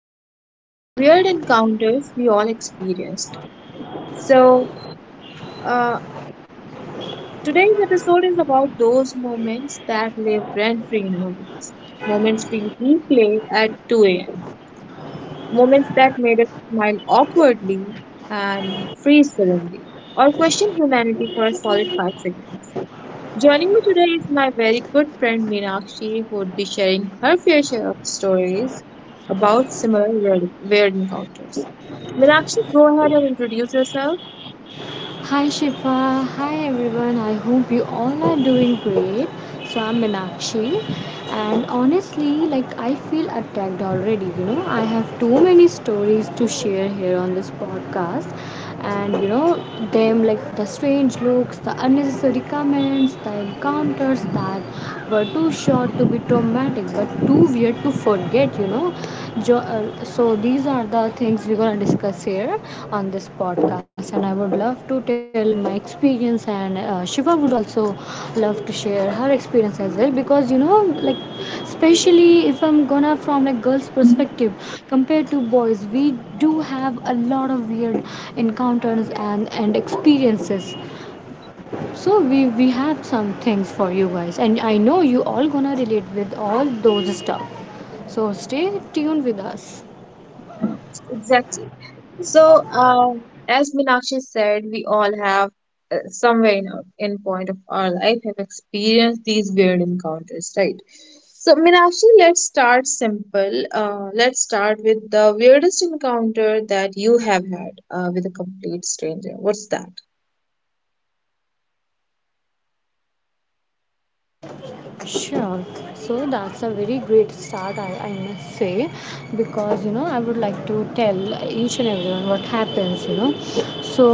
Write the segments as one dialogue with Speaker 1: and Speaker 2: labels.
Speaker 1: is weird encounters we all experienced. So, uh, Today's episode is about those moments that live rent free in our lives, moments we replay at 2 a.m., moments that made us smile awkwardly and freeze suddenly, or question humanity for a solid 5 seconds. Joining me today is my very good friend Meenakshi, who would be sharing her fair share of stories about similar weird encounters. Meenakshi, go ahead and introduce yourself.
Speaker 2: Hi Shifa, hi everyone. I hope you all are doing great. So I'm Minakshi, and honestly, like I feel attacked already. You know, I have too many stories to share here on this podcast, and you know them, like, the strange looks, the unnecessary comments, the encounters that were too short to be traumatic but too weird to forget. So these are the things we're going to discuss here on this podcast, and I would love to tell my experience, and shiva would also love to share her experience as well, because like, especially if I'm gonna from like girls perspective compared to boys, we do have a lot of weird encounters and experiences. So we have some things for you guys, and I know you all gonna relate with all those stuff. So stay tuned with us.
Speaker 1: Exactly. As Meenakshi said, we all have somewhere in our in point of our life have experienced these weird encounters, right? So, Meenakshi, let's start simple. Let's start with the weirdest encounter that you have had with a complete stranger. What's that?
Speaker 2: Sure. So that's a very great start, I must say, because you know I would like to tell each and everyone what happens. So,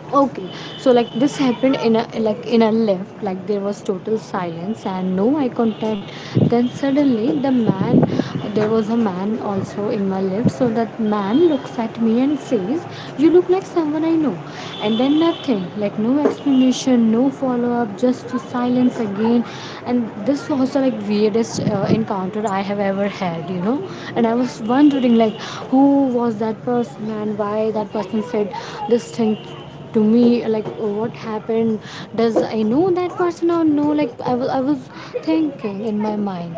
Speaker 2: okay, so, like, this happened in a lift. Like, there was total silence and no eye contact. Then suddenly the man, there was a man also in my lift, so that man looks at me and says, "You look like someone I know," and then nothing. Like, no explanation, no follow up, just silence again. And this was, the like weirdest encounter I have ever had. And I was wondering, like, who was that person and why that person said this thing to me. Like, what happened? Does I know that person or no? Like, I was thinking in my mind.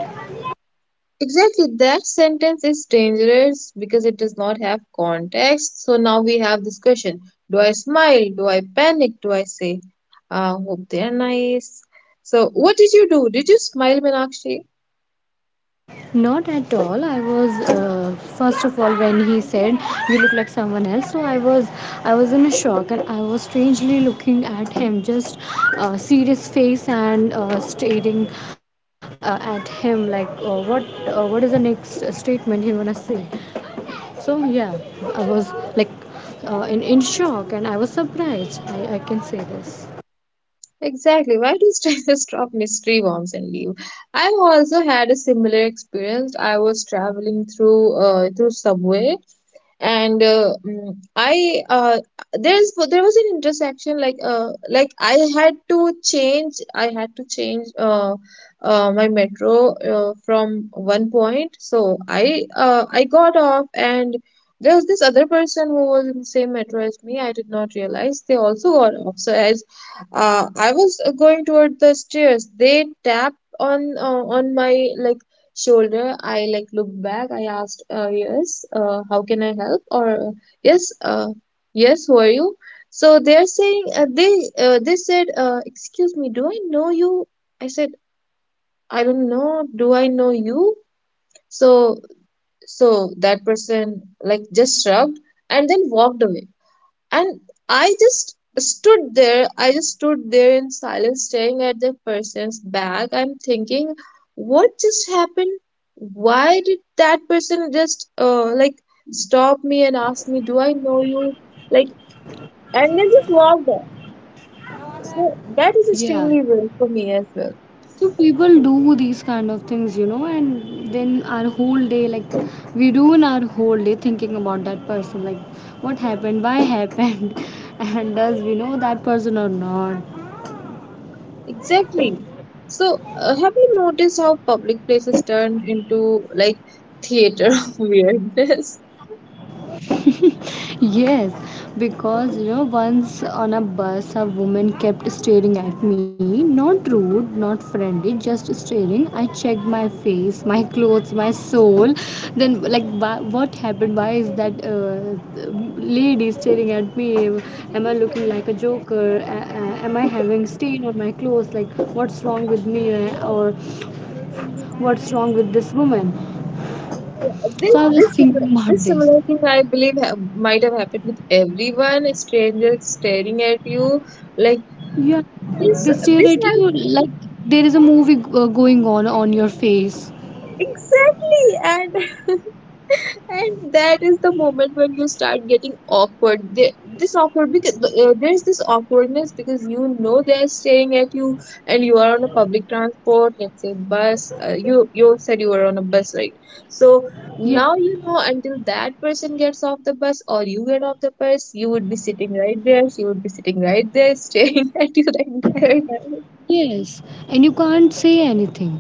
Speaker 1: Exactly, that sentence is dangerous because it does not have context. So now we have this question. Do I smile? Do I panic? Do I say, I hope they're nice? So, what did you do? Did you smile, Meenakshi?
Speaker 2: Not at all. I was, first of all, when he said, "You look like someone else," so I was in a shock, and I was strangely looking at him, just serious face and staring at him, like, what, what is the next statement he gonna say? So yeah, I was, like, in shock, and I was surprised. I can say this.
Speaker 1: Exactly. Why do strangers drop mystery bombs and leave? I've also had a similar experience. I was traveling through through subway and mm, I there was an intersection like I had to change I had to change my metro from one point. So I got off, and there was this other person who was in the same metro as me. I did not realize they also got off. So as I was going toward the stairs, they tapped on my like shoulder. I like looked back. I asked, yes, how can I help? Or yes, yes, who are you? So they're saying, they said, excuse me, do I know you? I said, I don't know. Do I know you? So so that person like just shrugged and then walked away, and I just stood there. I just stood there in silence, staring at that person's back. I'm thinking, what just happened? Why did that person just like stop me and ask me, do I know you? Like, and then just walked off. So that is
Speaker 2: Yeah.
Speaker 1: extremely real for me as well.
Speaker 2: So people do these kind of things. And then our whole day, like, we ruin our whole day thinking about that person, like, what happened, why happened, and does we know that person or not.
Speaker 1: Exactly. So, have you noticed how public places turn into like theater of weirdness?
Speaker 2: Yes, because once on a bus, a woman kept staring at me. Not rude, not friendly, just staring. I checked my face, my clothes, my soul. Then, like, why, what happened? Why is that lady staring at me? Am I looking like a joker? Am I having stain on my clothes? Like, what's wrong with me? Or what's wrong with this woman?
Speaker 1: Yeah, This
Speaker 2: So I was
Speaker 1: this
Speaker 2: thinking
Speaker 1: similar- this
Speaker 2: about this.
Speaker 1: similar thing, I believe, ha might have happened with everyone. A stranger staring at you like
Speaker 2: Yeah,
Speaker 1: this.
Speaker 2: they stare
Speaker 1: This
Speaker 2: at
Speaker 1: has
Speaker 2: you like there is a movie going on your face.
Speaker 1: exactly, and and that is the moment when you start getting awkward. This awkward because there's this awkwardness because you know they're staring at you, and you are on a public transport, let's say bus. You said you were on a bus, right? So
Speaker 2: Yeah,
Speaker 1: now you know, until that person gets off the bus or you get off the bus, you would be sitting right there. She would be sitting right there, staring at you the entire time.
Speaker 2: yes, and you can't say anything.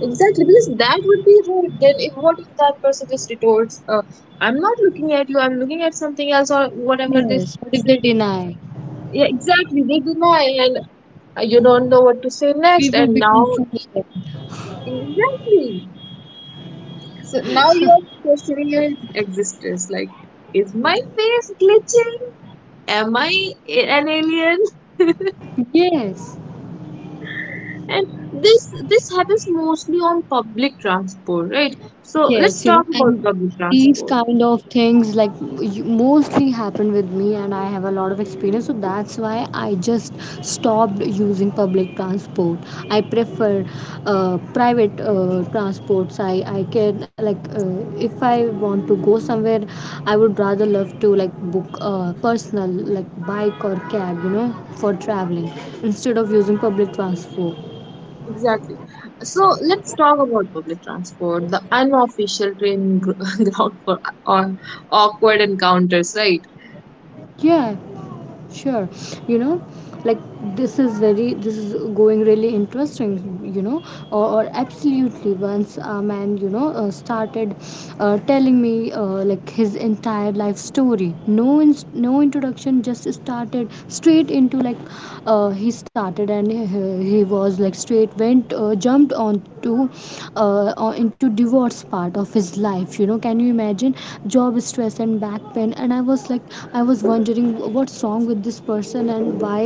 Speaker 1: Exactly, because that would be rude. Then, if what if that person just retorts, "I'm not looking at you. I'm looking at something else," or whatever they
Speaker 2: Yes, but if they
Speaker 1: say.
Speaker 2: deny,
Speaker 1: Yeah, exactly. They deny, and you don't know what to say
Speaker 2: we
Speaker 1: next.
Speaker 2: will
Speaker 1: And
Speaker 2: become
Speaker 1: now,
Speaker 2: fools.
Speaker 1: exactly. So now you're questioning your existence. Like, is my face glitching? Am I an alien?
Speaker 2: Yes.
Speaker 1: And this happens mostly on public transport, right? So let's
Speaker 2: Yes,
Speaker 1: talk about
Speaker 2: and
Speaker 1: public
Speaker 2: these
Speaker 1: transport.
Speaker 2: kind of things, like, mostly happen with me, and I have a lot of experience. So that's why I just stopped using public transport. I prefer private transports. I can, like, if I want to go somewhere, I would rather love to, like, book a personal, like, bike or cab, for traveling instead of using public transport.
Speaker 1: Exactly. So let's talk about public transport, the unofficial ground for or awkward encounters, right?
Speaker 2: Yeah. Sure. you know like, this is going really interesting. Or absolutely, once a man, started telling me, like, his entire life story. No no introduction, just started straight into, like, he started, and he was, like, straight went, jumped onto, into divorce part of his life. Can you imagine? Job stress and back pain. And I was wondering, what's wrong with this person and why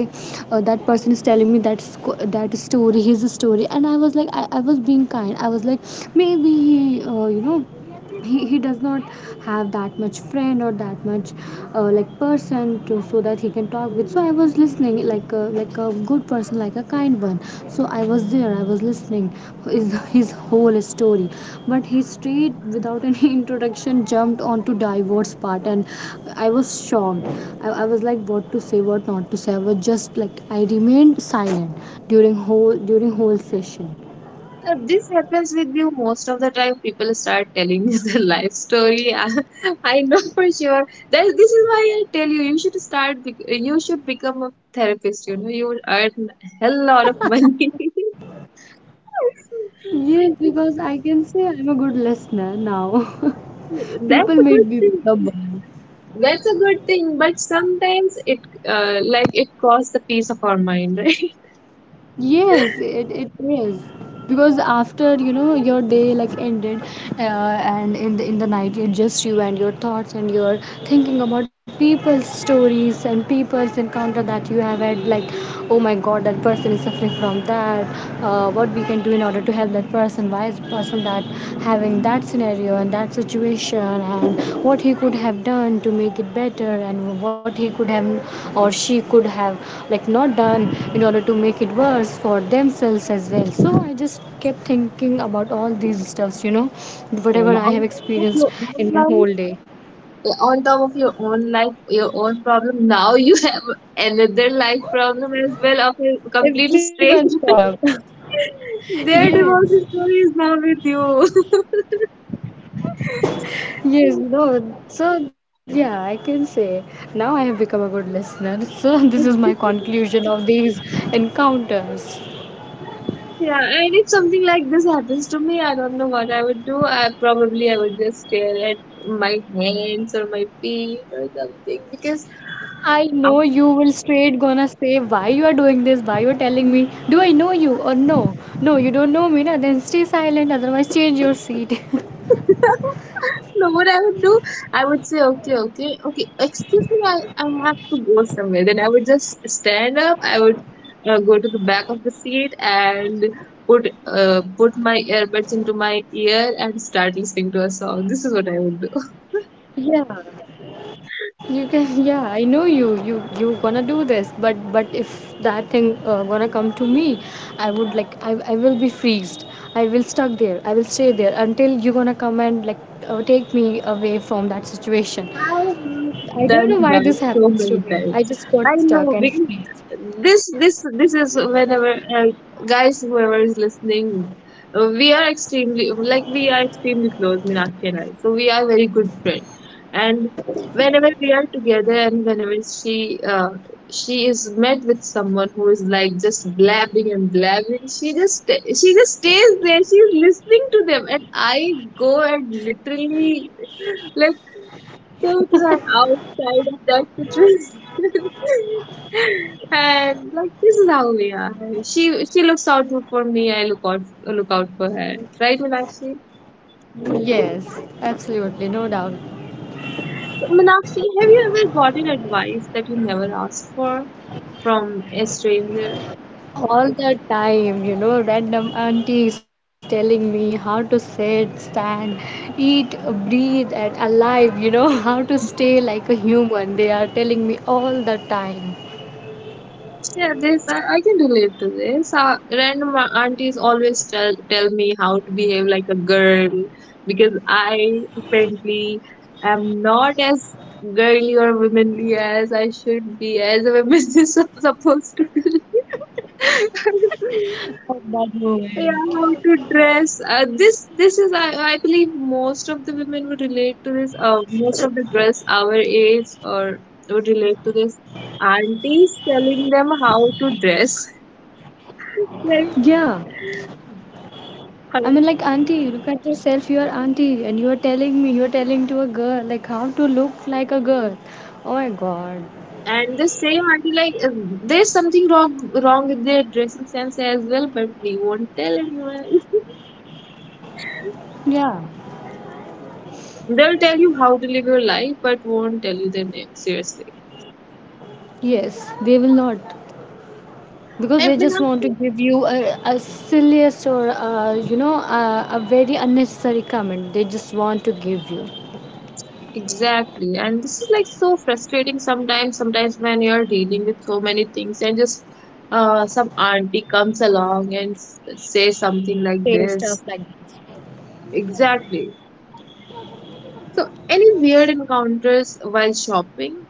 Speaker 2: that person is telling me that that story, his story. And I was like I was being kind. I was, like, maybe he, you know he does not have that much friend or that much, like, person to, so that he can talk with. So I was listening, like a good person, like a kind one. So I was there, I was listening his, whole story. But he, straight, without any introduction, jumped onto divorce part, and I was shocked. I was like, what to say, what not to say, I was just like, I remained silent during whole session.
Speaker 1: This happens with you most of the time. People start telling you their life story. I know for sure. That, this is why I tell you, you should start, you should become a therapist. You know, you would earn a hell lot of money.
Speaker 2: Yes, because I can say I'm a good listener now.
Speaker 1: That's
Speaker 2: People
Speaker 1: a
Speaker 2: made
Speaker 1: good
Speaker 2: me
Speaker 1: thing.
Speaker 2: stubborn.
Speaker 1: That's a good thing, but sometimes it like it costs a piece of our mind, right?
Speaker 2: Yes, it is. Because after, your day, like, ended, and in the night, it's just you and your thoughts, and you're thinking about people's stories and people's encounter that you have had, like, oh my god, that person is suffering from that. What we can do in order to help that person? Why is person that having that scenario and that situation, and what he could have done to make it better, and what he could have or she could have, like, not done in order to make it worse for themselves as well. So I just kept thinking about all these stuffs,
Speaker 1: And
Speaker 2: whatever I
Speaker 1: on
Speaker 2: have
Speaker 1: top of
Speaker 2: experienced
Speaker 1: your own
Speaker 2: in my
Speaker 1: life,
Speaker 2: whole day.
Speaker 1: on top of your own life, your own problem, now you have another life problem as well of a complete
Speaker 2: Everyone's
Speaker 1: stranger.
Speaker 2: problem.
Speaker 1: Their divorce
Speaker 2: yes.
Speaker 1: story is now with you.
Speaker 2: Yes, no. So yeah, I can say now I have become a good listener. So this is my conclusion of these encounters.
Speaker 1: Yeah, and if something like this happens to me, I don't know what I would do. I probably I would just stare at my hands or my feet or something because
Speaker 2: I
Speaker 1: I
Speaker 2: know you will straight gonna say, why you are doing this, why you are telling me. Do I know you or no? No, you don't know me, na? Then stay silent. Otherwise, change your seat.
Speaker 1: no, what I would do, I would say, okay, okay, okay, excuse me, I have to go somewhere. Then I would just stand up. I would go to the back of the seat and put put my earbuds into my ear and start listening to a song. This is what I would do.
Speaker 2: yeah. You can. yeah, I know you, you gonna do this. But if that thing gonna come to me, I would, like, I will be freezed. I will stuck there, I will stay there until you gonna come and, like, take me away from that situation.
Speaker 1: I've done
Speaker 2: I don't
Speaker 1: that
Speaker 2: know why
Speaker 1: so
Speaker 2: this
Speaker 1: many
Speaker 2: happens to
Speaker 1: times.
Speaker 2: me, I
Speaker 1: I
Speaker 2: just got
Speaker 1: know because
Speaker 2: stuck and freeze.
Speaker 1: this is whenever guys whoever is listening, we are extremely like we are extremely close, Meenakshi and I. So we are very good friends. And whenever we are together, and whenever she is met with someone who is like just blabbing and blabbing, she just stays there. She is listening to them, and I go and literally like take her outside of that situation. And like this is how we are. She she looks out for me. I look out for her. Right, Meenakshi?
Speaker 2: Yes, absolutely, no doubt.
Speaker 1: So, Meenakshi, have you ever gotten advice that you never asked for from a stranger?
Speaker 2: All the time, random auntie is telling me how to sit, stand, eat, breathe, and alive. how to stay like a human, they are telling me all the time.
Speaker 1: Yeah, this I can relate to this. Random aunties always tell me how to behave like a girl because I apparently am not as girly or womanly as I should be, as a woman is supposed to be.
Speaker 2: At that moment.
Speaker 1: Yeah, how to dress. I believe most of the women would relate to this. Most of the girls our age or would relate to this. Aunties telling them how to dress. Like,
Speaker 2: Yeah, I
Speaker 1: uh,
Speaker 2: mean, like, auntie, look at yourself. You are auntie, and you are telling to a girl, like, how to look like a girl. Oh my god.
Speaker 1: and the same auntie there's something wrong with their dressing sense as well, but we won't tell anyone.
Speaker 2: Yeah.
Speaker 1: They'll tell you how to live your life, but won't tell you their name, seriously.
Speaker 2: Yes, they will not, because they
Speaker 1: And
Speaker 2: just want to
Speaker 1: Meenakshi,
Speaker 2: give you a silliest, or a, you know a very unnecessary comment, they just want to give you.
Speaker 1: exactly. And this is like so frustrating sometimes, sometimes when you're dealing with so many things and just some auntie comes along and say something like
Speaker 2: Say stuff
Speaker 1: this.
Speaker 2: like that.
Speaker 1: Exactly. So, any weird encounters while shopping?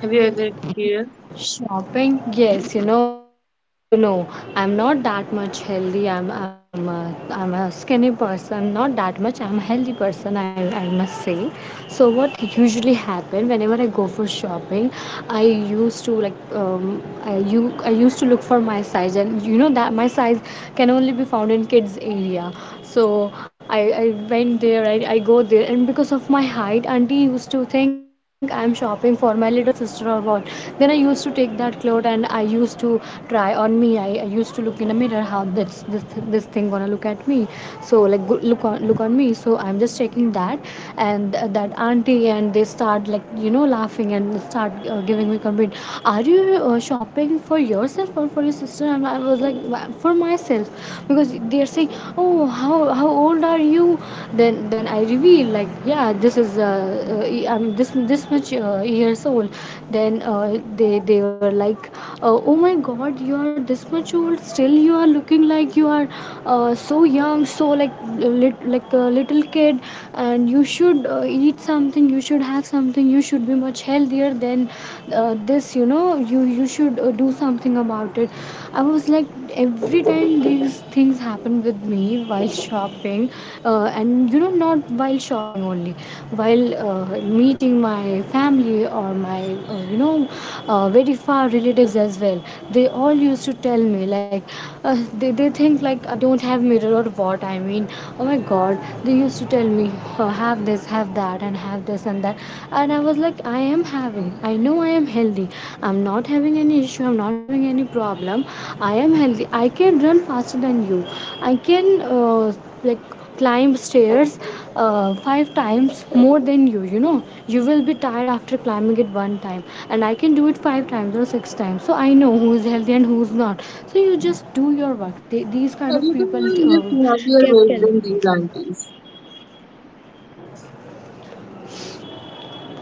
Speaker 1: Have you ever experienced?
Speaker 2: Shopping? Yes, as you know, I'm not that much healthy. I'm a skinny person, not that much. I'm a healthy person, I must say. So what usually happen, whenever I go for shopping, I used to look for my size, and you know that my size can only be found in kids area. So I went there, I go there, and because of my height, auntie used to think I'm shopping for my little sister or what. Then I used to take that cloth, and I used to try on me, I used to look in a mirror how this thing gonna look at me. So, like, go, look on me, so I'm just checking that. And that auntie and they start, like, laughing and start giving me comment, are you shopping for yourself or for your sister? I'm and I was like, for myself, because they're saying, oh, how old are you? Then I reveal, like, yeah, this is, I'm this much, years old. Then they were like, oh my god, you are this much old, still you are looking like you are, so young, so, like, like a little kid. And you should eat something, you should have something, you should be much healthier than, this, you should do something about it. I was, like, every time these things happen with me while shopping, and not while shopping only, while meeting my family or my very far relatives as well. They all used to tell me, like, uh, they think like I don't have mirror or what, I mean, oh my god. They used to tell me, have this, have that, and have this and that. And I was like, I am having, I know I am healthy, I'm not having any issue, I'm not having any problem, I am healthy, I can run faster than you. I can like climb stairs five times more than you you know You will be tired after climbing it one time, and I can do it five times or six times. So I know who is healthy and who's not. So you just do your work, these kind of people
Speaker 1: Everyone lived
Speaker 2: uh,
Speaker 1: heavier
Speaker 2: kept
Speaker 1: weight than
Speaker 2: telling.
Speaker 1: these aunties,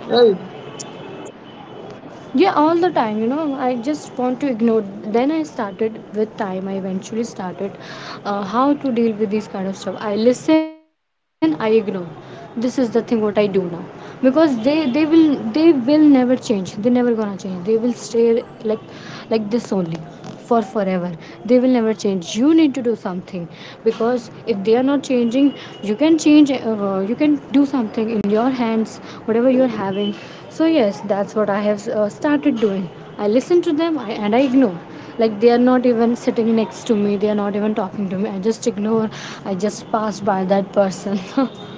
Speaker 1: right?
Speaker 2: Yeah, all the time. I just want to ignore. Then I started, with time I eventually started how to deal with these kind of stuff. I listen, I ignore. This is the thing what I do now, because they will, they will never change, they never gonna change, they will stay like like this only for forever. They will never change, you need to do something. Because if they are not changing, you can change, you can do something in your hands, whatever you're having. So yes, that's what I have started doing. I listen to them, and I ignore, like they are not even sitting next to me, they are not even talking to me, I just ignore. I just pass by that person.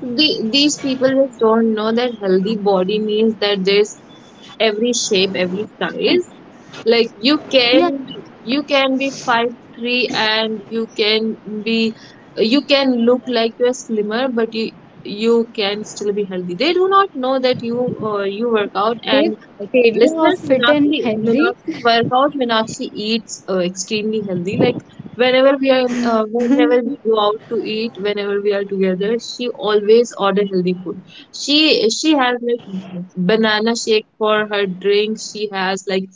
Speaker 1: So the, these people just don't know that healthy body means that there's every shape, every size. Like you
Speaker 2: Yeah,
Speaker 1: can you can be 5'3", and be you can look like you're slimmer, but you can still be healthy. They do not know that you you work out
Speaker 2: their
Speaker 1: and
Speaker 2: area
Speaker 1: listeners,
Speaker 2: of fit
Speaker 1: Meenakshi,
Speaker 2: and healthy.
Speaker 1: Meenakshi workout, Meenakshi eats extremely healthy. Like whenever we are, whenever we go out to eat, whenever we are together, she always order healthy food. She has like banana shake for her drink. She has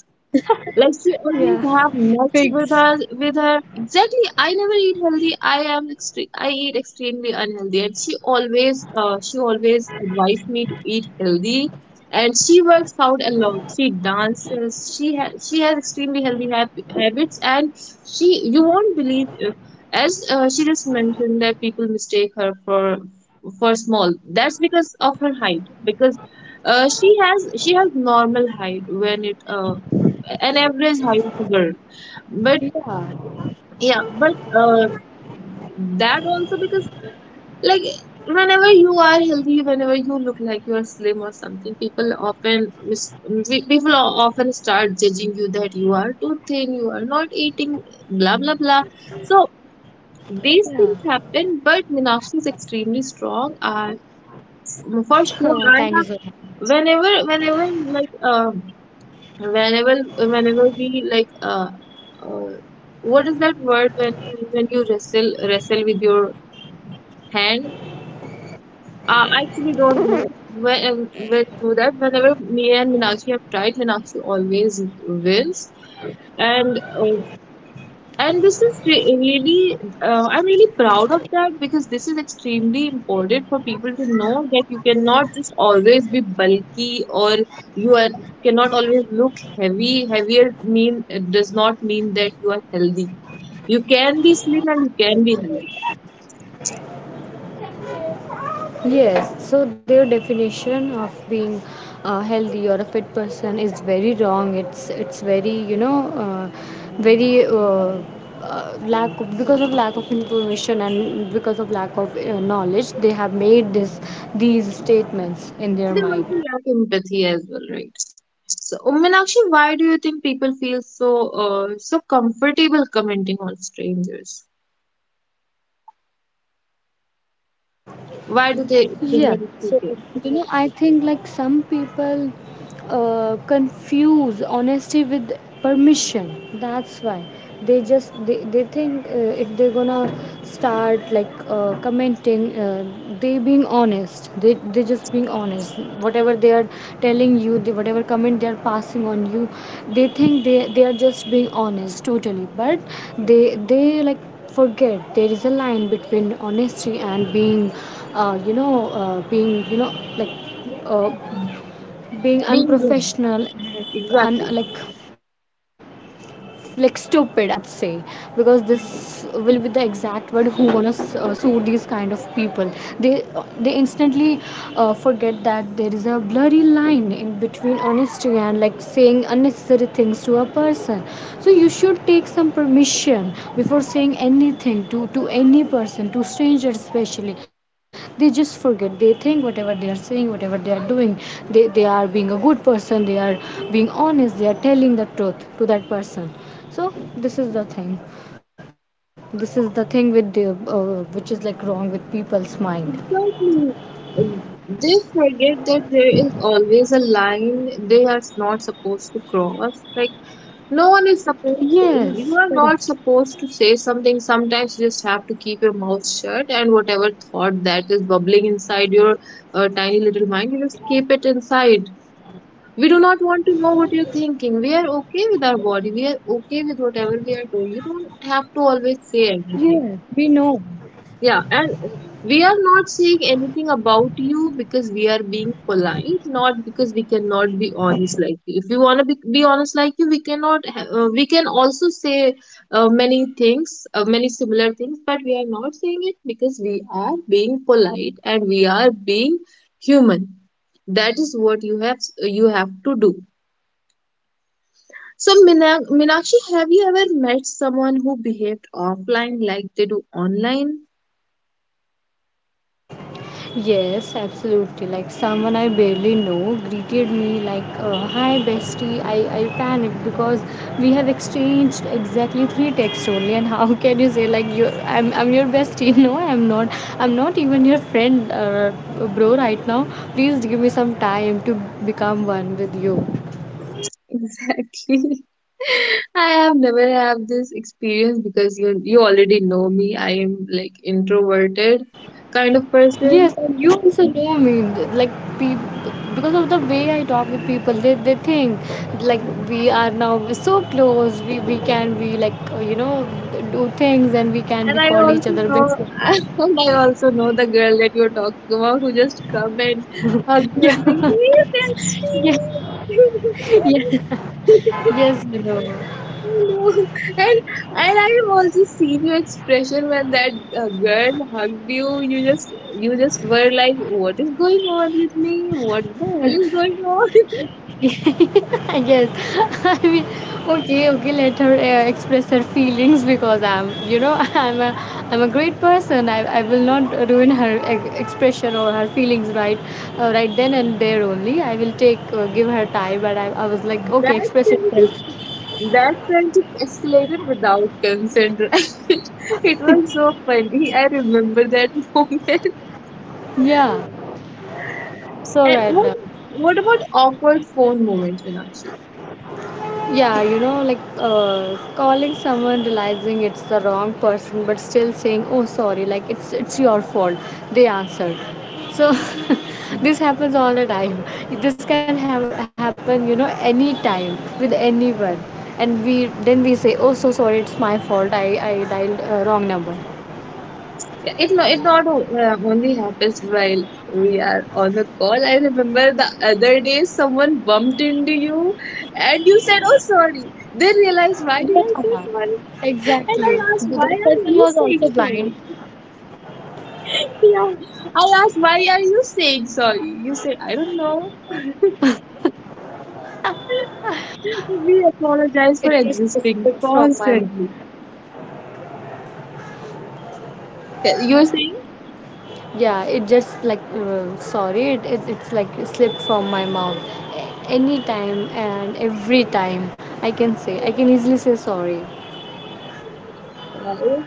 Speaker 1: like she
Speaker 2: Yeah,
Speaker 1: always have
Speaker 2: figs.
Speaker 1: nuts with her with her. Exactly. I never eat healthy. I am I eat extremely unhealthy. And she always advised me to eat healthy. And she works out a lot. She dances. She has extremely healthy habits. And she you won't believe as she just mentioned that people mistake her for small. That's because of her height. Because she has normal height when it an average height of a girl. But
Speaker 2: Yeah,
Speaker 1: yeah, but uh, that also because like whenever you are healthy, whenever you look like you are slim or something, people often people o- often start judging you that you are too thin, you are not eating, blah blah blah. So
Speaker 2: yeah.
Speaker 1: these things happen, but Meenakshi is extremely strong. For
Speaker 2: Oh,
Speaker 1: sure,
Speaker 2: thank
Speaker 1: I
Speaker 2: you so
Speaker 1: have
Speaker 2: much.
Speaker 1: whenever whenever like whenever whenever we like uh, what is that word when you wrestle with your hand? I actually don't know when you do that. Whenever me and Minakshi have tried, Minakshi always wins. And uh, and this is really, I'm really proud of that because this is extremely important for people to know that you cannot just always be bulky or you are cannot always look heavy. Heavier mean it does not mean that you are healthy. You can be slim and you can be healthy.
Speaker 2: Yes, so their definition of being healthy or a fit person is very wrong. It's very very lack of, because of lack of information and because of lack of knowledge, they have made this these statements in their
Speaker 1: They also
Speaker 2: mind.
Speaker 1: lack empathy as well, right? So, Meenakshi, why do you think people feel so so comfortable commenting on strangers? Why do they think
Speaker 2: Yeah,
Speaker 1: that it's
Speaker 2: so
Speaker 1: okay?
Speaker 2: I think like some people confuse honesty with permission. That's why they think, if they're gonna start like commenting, they being honest, they just being honest. Whatever they are telling you, whatever comment they are passing on you, they think they are just being honest totally, but they like forget there is a line between honesty and being, being, like uh,
Speaker 1: Mhm.
Speaker 2: being
Speaker 1: Being wrong.
Speaker 2: unprofessional and
Speaker 1: Exactly.
Speaker 2: like stupid I would say. Because this will be the exact word, who wanna sue these kind of people. they they instantly forget that there is a blurry line in between honesty and like saying unnecessary things to a person. So you should take some permission before saying anything to any person, to strangers especially. They just forget, they think whatever they are saying, whatever they are doing, they are being a good person, they are being honest, they are telling the truth to that person. So this is the thing, this is the thing with the which is like wrong with people's mind.
Speaker 1: Exactly. They forget that there is always a line they are not supposed to cross. Like, no one is supposed
Speaker 2: Yes,
Speaker 1: to,
Speaker 2: correct.
Speaker 1: you are not supposed to say something. Sometimes you just have to keep your mouth shut, and whatever thought that is bubbling inside your tiny little mind, you just keep it inside. We do not want to know what you're thinking. We are okay with our body. We are okay with whatever we are doing. You don't have to always say
Speaker 2: Yes, we
Speaker 1: everything.
Speaker 2: know.
Speaker 1: Yeah, and we are not saying anything about you because we are being polite, not because we cannot be honest like you. If we want to be honest like you, we cannot. We can also say many things, many similar things, but we are not saying it because we are being polite and we are being human. That is what you have to do. So, Meenakshi, have you ever met someone who behaved offline like they do online?
Speaker 2: Yes, absolutely. Like someone I barely know greeted me like, "Hi, bestie." I panicked because we have exchanged exactly three texts only, and how can you say like you I'm your bestie? No, I'm not. I'm not even your friend, bro. Right now, please give me some time to become one with you.
Speaker 1: Exactly. I have never have this experience because you already know me. I am like introverted kind of person.
Speaker 2: Yes, and you also know me. Like people, because of the way I talk with people, they think like we are now so close. We can be like, do things, and we can
Speaker 1: And
Speaker 2: be
Speaker 1: I
Speaker 2: call each
Speaker 1: also
Speaker 2: other
Speaker 1: know
Speaker 2: best friend.
Speaker 1: and I also know the girl that you're talking about who just come and hug you and
Speaker 2: Yeah,
Speaker 1: like, hey
Speaker 2: yeah,
Speaker 1: bestie.
Speaker 2: yeah. Yes, you know.
Speaker 1: Know. And and I've also seen your expression when that girl hugged you. You just were like, "What is going on with me? What the hell is going on?"
Speaker 2: I guess. I mean, okay, okay. Let her express her feelings because I'm, I'm a great person. I will not ruin her ex- expression or her feelings right, right then and there only. I will take, give her time. But I was like, okay,
Speaker 1: That
Speaker 2: express yourself.
Speaker 1: friendship, that friendship escalated without consent, right? It was so funny. I remember that moment.
Speaker 2: Yeah. So
Speaker 1: And
Speaker 2: right now.
Speaker 1: what about awkward phone moments, Meenakshi?
Speaker 2: Yeah, you know, like calling someone, realizing it's the wrong person, but still saying, "Oh, sorry," like it's your fault. They answered. So this happens all the time. This can have happen, you know, any time with anyone, and we then we say, "Oh, so sorry, it's my fault. I dialed wrong number."
Speaker 1: Yeah, it it not o- only happens while we are on the call. I remember the other day someone bumped into you and you said, "Oh, sorry." They realized, why did I
Speaker 2: Yeah,
Speaker 1: say sorry?
Speaker 2: exactly.
Speaker 1: And I asked,
Speaker 2: That
Speaker 1: why
Speaker 2: person
Speaker 1: are
Speaker 2: was
Speaker 1: you
Speaker 2: also
Speaker 1: saying
Speaker 2: blind.
Speaker 1: sorry? Yeah. I asked, why are you saying sorry? You said, I don't know. We
Speaker 2: It
Speaker 1: apologize for
Speaker 2: just
Speaker 1: existing
Speaker 2: disappeared from my.
Speaker 1: constantly. Yeah, you were
Speaker 2: Yeah, it just like, sorry, it's like slipped from my mouth. A- Any time and every time, I can easily say sorry.
Speaker 1: saying?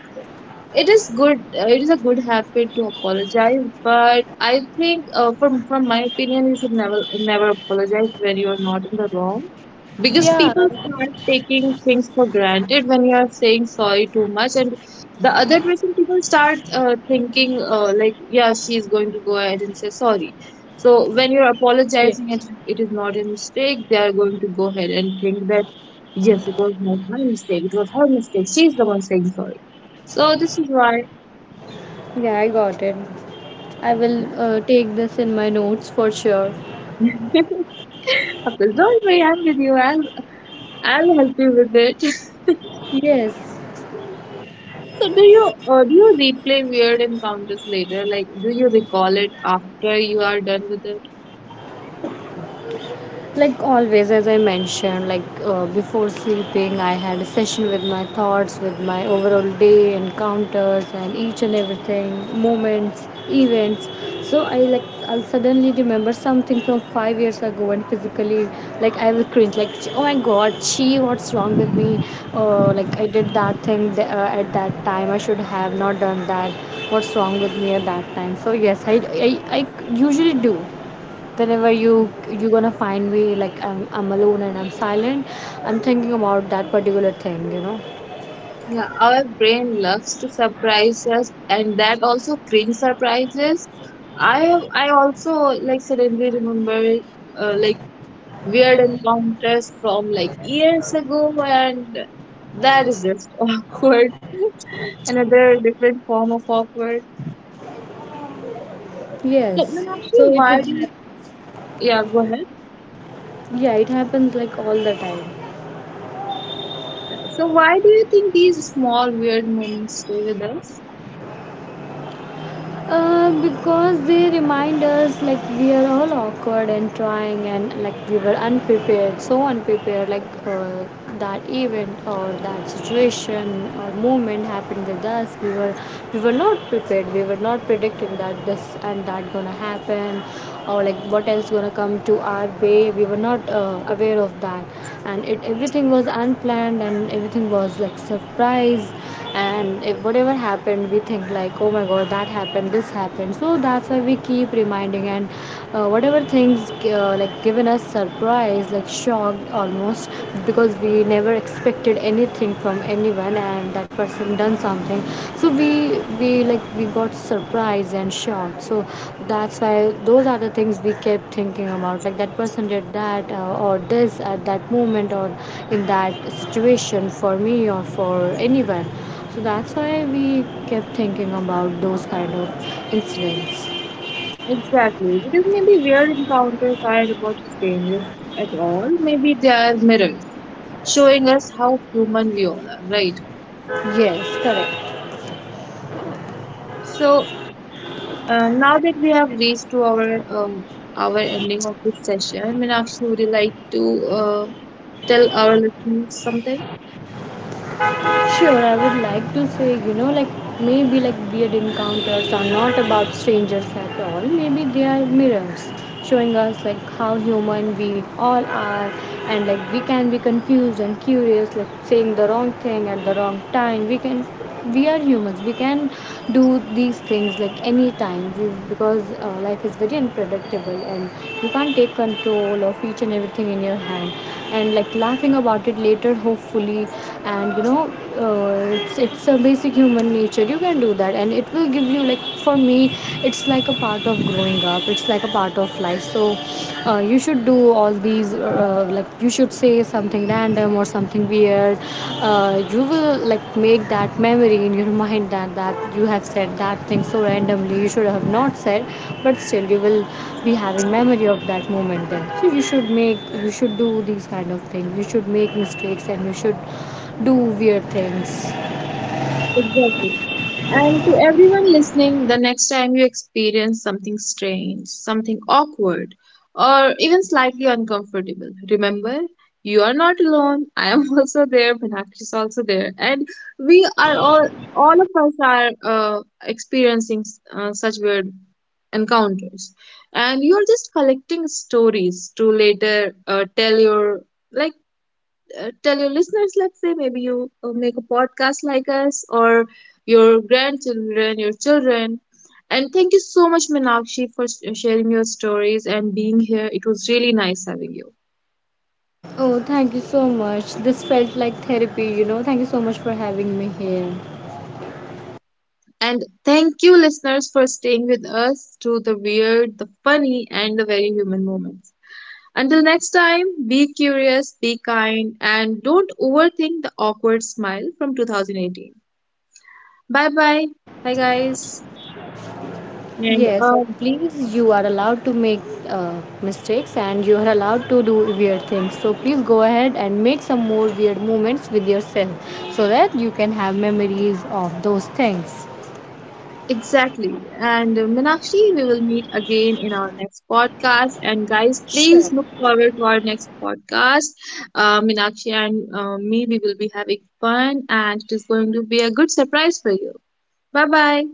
Speaker 1: It is good. It is a good habit to apologize, but I think, from my opinion, you should never apologize when you are not in the wrong, because
Speaker 2: Yeah,
Speaker 1: people start taking things for granted when you are saying sorry too much, and the other person people start thinking like, yeah, she is going to go ahead and say sorry. So when you're apologizing and
Speaker 2: Yes.
Speaker 1: it is not a mistake, they are going to go ahead and think that, yes, it was not my mistake. It was her mistake. She's the one saying sorry. So this is why,
Speaker 2: Yeah. I got it. I will
Speaker 1: yeah.
Speaker 2: take this in my notes for sure.
Speaker 1: After, don't worry, I'm with you. I'll help you with it.
Speaker 2: Yes.
Speaker 1: So do you replay weird encounters later? Like, do you recall it after you are done with it?
Speaker 2: Like always, as I mentioned, like before sleeping I had a session with my thoughts, with my overall day encounters and each and everything, moments, events. So I like I'll suddenly remember something from 5 years ago and physically like I will cringe like, "Ch- oh my god, she what's wrong with me, like I did that thing th- at that time I should have not done that. What's wrong with me at that time?" So yes, I usually do. Whenever you you're gonna find me like I'm alone and I'm silent, I'm thinking about that particular thing, you know.
Speaker 1: Yeah, our brain loves to surprise us, and that also brings surprises. I also like suddenly remember like weird encounters from like years ago, and that is just awkward. Another different form of awkward. So,
Speaker 2: Yes.
Speaker 1: Meenakshi,
Speaker 2: So it
Speaker 1: why
Speaker 2: did
Speaker 1: do
Speaker 2: happen.
Speaker 1: you, yeah, go ahead.
Speaker 2: Yeah, it happens like all the time.
Speaker 1: So, why do you think these small weird moments stay with us?
Speaker 2: Because they remind us like we are all awkward and trying, and like we were unprepared. So unprepared, like that event or that situation or moment happened with us, we were not prepared, we were not predicting that this and that gonna happen, or like what else gonna come to our way, we were not aware of that. And it everything was unplanned and everything was like surprise. And if whatever happened, we think like oh my god, that happened, this happened, so that's why we keep reminding. And whatever things like given us surprise, like shocked almost, because we never expected anything from anyone and that person done something. So we like we got surprised and shocked. So that's why, those are the things we kept thinking about, like that person did that or this at that moment or in that situation, for me or for anyone. So that's why we kept thinking about those kind of incidents.
Speaker 1: Exactly, because maybe weird encounters aren't about strangers at all. Maybe they are mirrors showing us how human we all are, right?
Speaker 2: Yes, correct.
Speaker 1: So, uh, now that we have reached to our ending of this session, Meenakshi, would you like to tell our listeners something?
Speaker 2: Sure, I would like to say, you know, like maybe like weird encounters are not about strangers at all. Maybe they are mirrors showing us like how human we all are, and like we can be confused and curious, like saying the wrong thing at the wrong time. We are humans, we can do these things like any time, because life is very unpredictable and you can't take control of each and everything in your hand. And like laughing about it later, hopefully. And you know, it's a basic human nature, you can do that, and it will give you, like for me it's like a part of growing up, it's like a part of life. So you should do all these, like you should say something random or something weird. You will like make that memory in your mind, that that you have said that thing so randomly, you should have not said, but still you will be having memory of that moment then. So you should make, you should do these kind of things, you should make mistakes, and you should do weird things.
Speaker 1: Exactly. And to everyone listening, the next time you experience something strange, something awkward, or even slightly uncomfortable, remember you are not alone. I am also there. Meenakshi is also there, and we are all of us are experiencing such weird encounters, and you are just collecting stories to later tell your like tell your listeners, let's say maybe you make a podcast like us, or your grandchildren, your children. And thank you so much, Minakshi, for sharing your stories and being here. It was really nice having you.
Speaker 2: Oh, thank you so much. This felt like therapy, you know. Thank you so much for having me here.
Speaker 1: And thank you, listeners, for staying with us through the weird, the funny, and the very human moments. Until next time, be curious, be kind, and don't overthink the awkward smile from 2018. Bye bye. Bye guys. And
Speaker 2: Yes, and please, you are allowed to make mistakes, and you are allowed to do weird things. So please go ahead and make some more weird moments with yourself so that you can have memories of those things.
Speaker 1: Exactly. And Meenakshi, we will meet again in our next podcast. And guys,
Speaker 2: Sure.
Speaker 1: please look forward to our next podcast. Meenakshi and me, we will be having fun, and it is going to be a good surprise for you. Bye bye.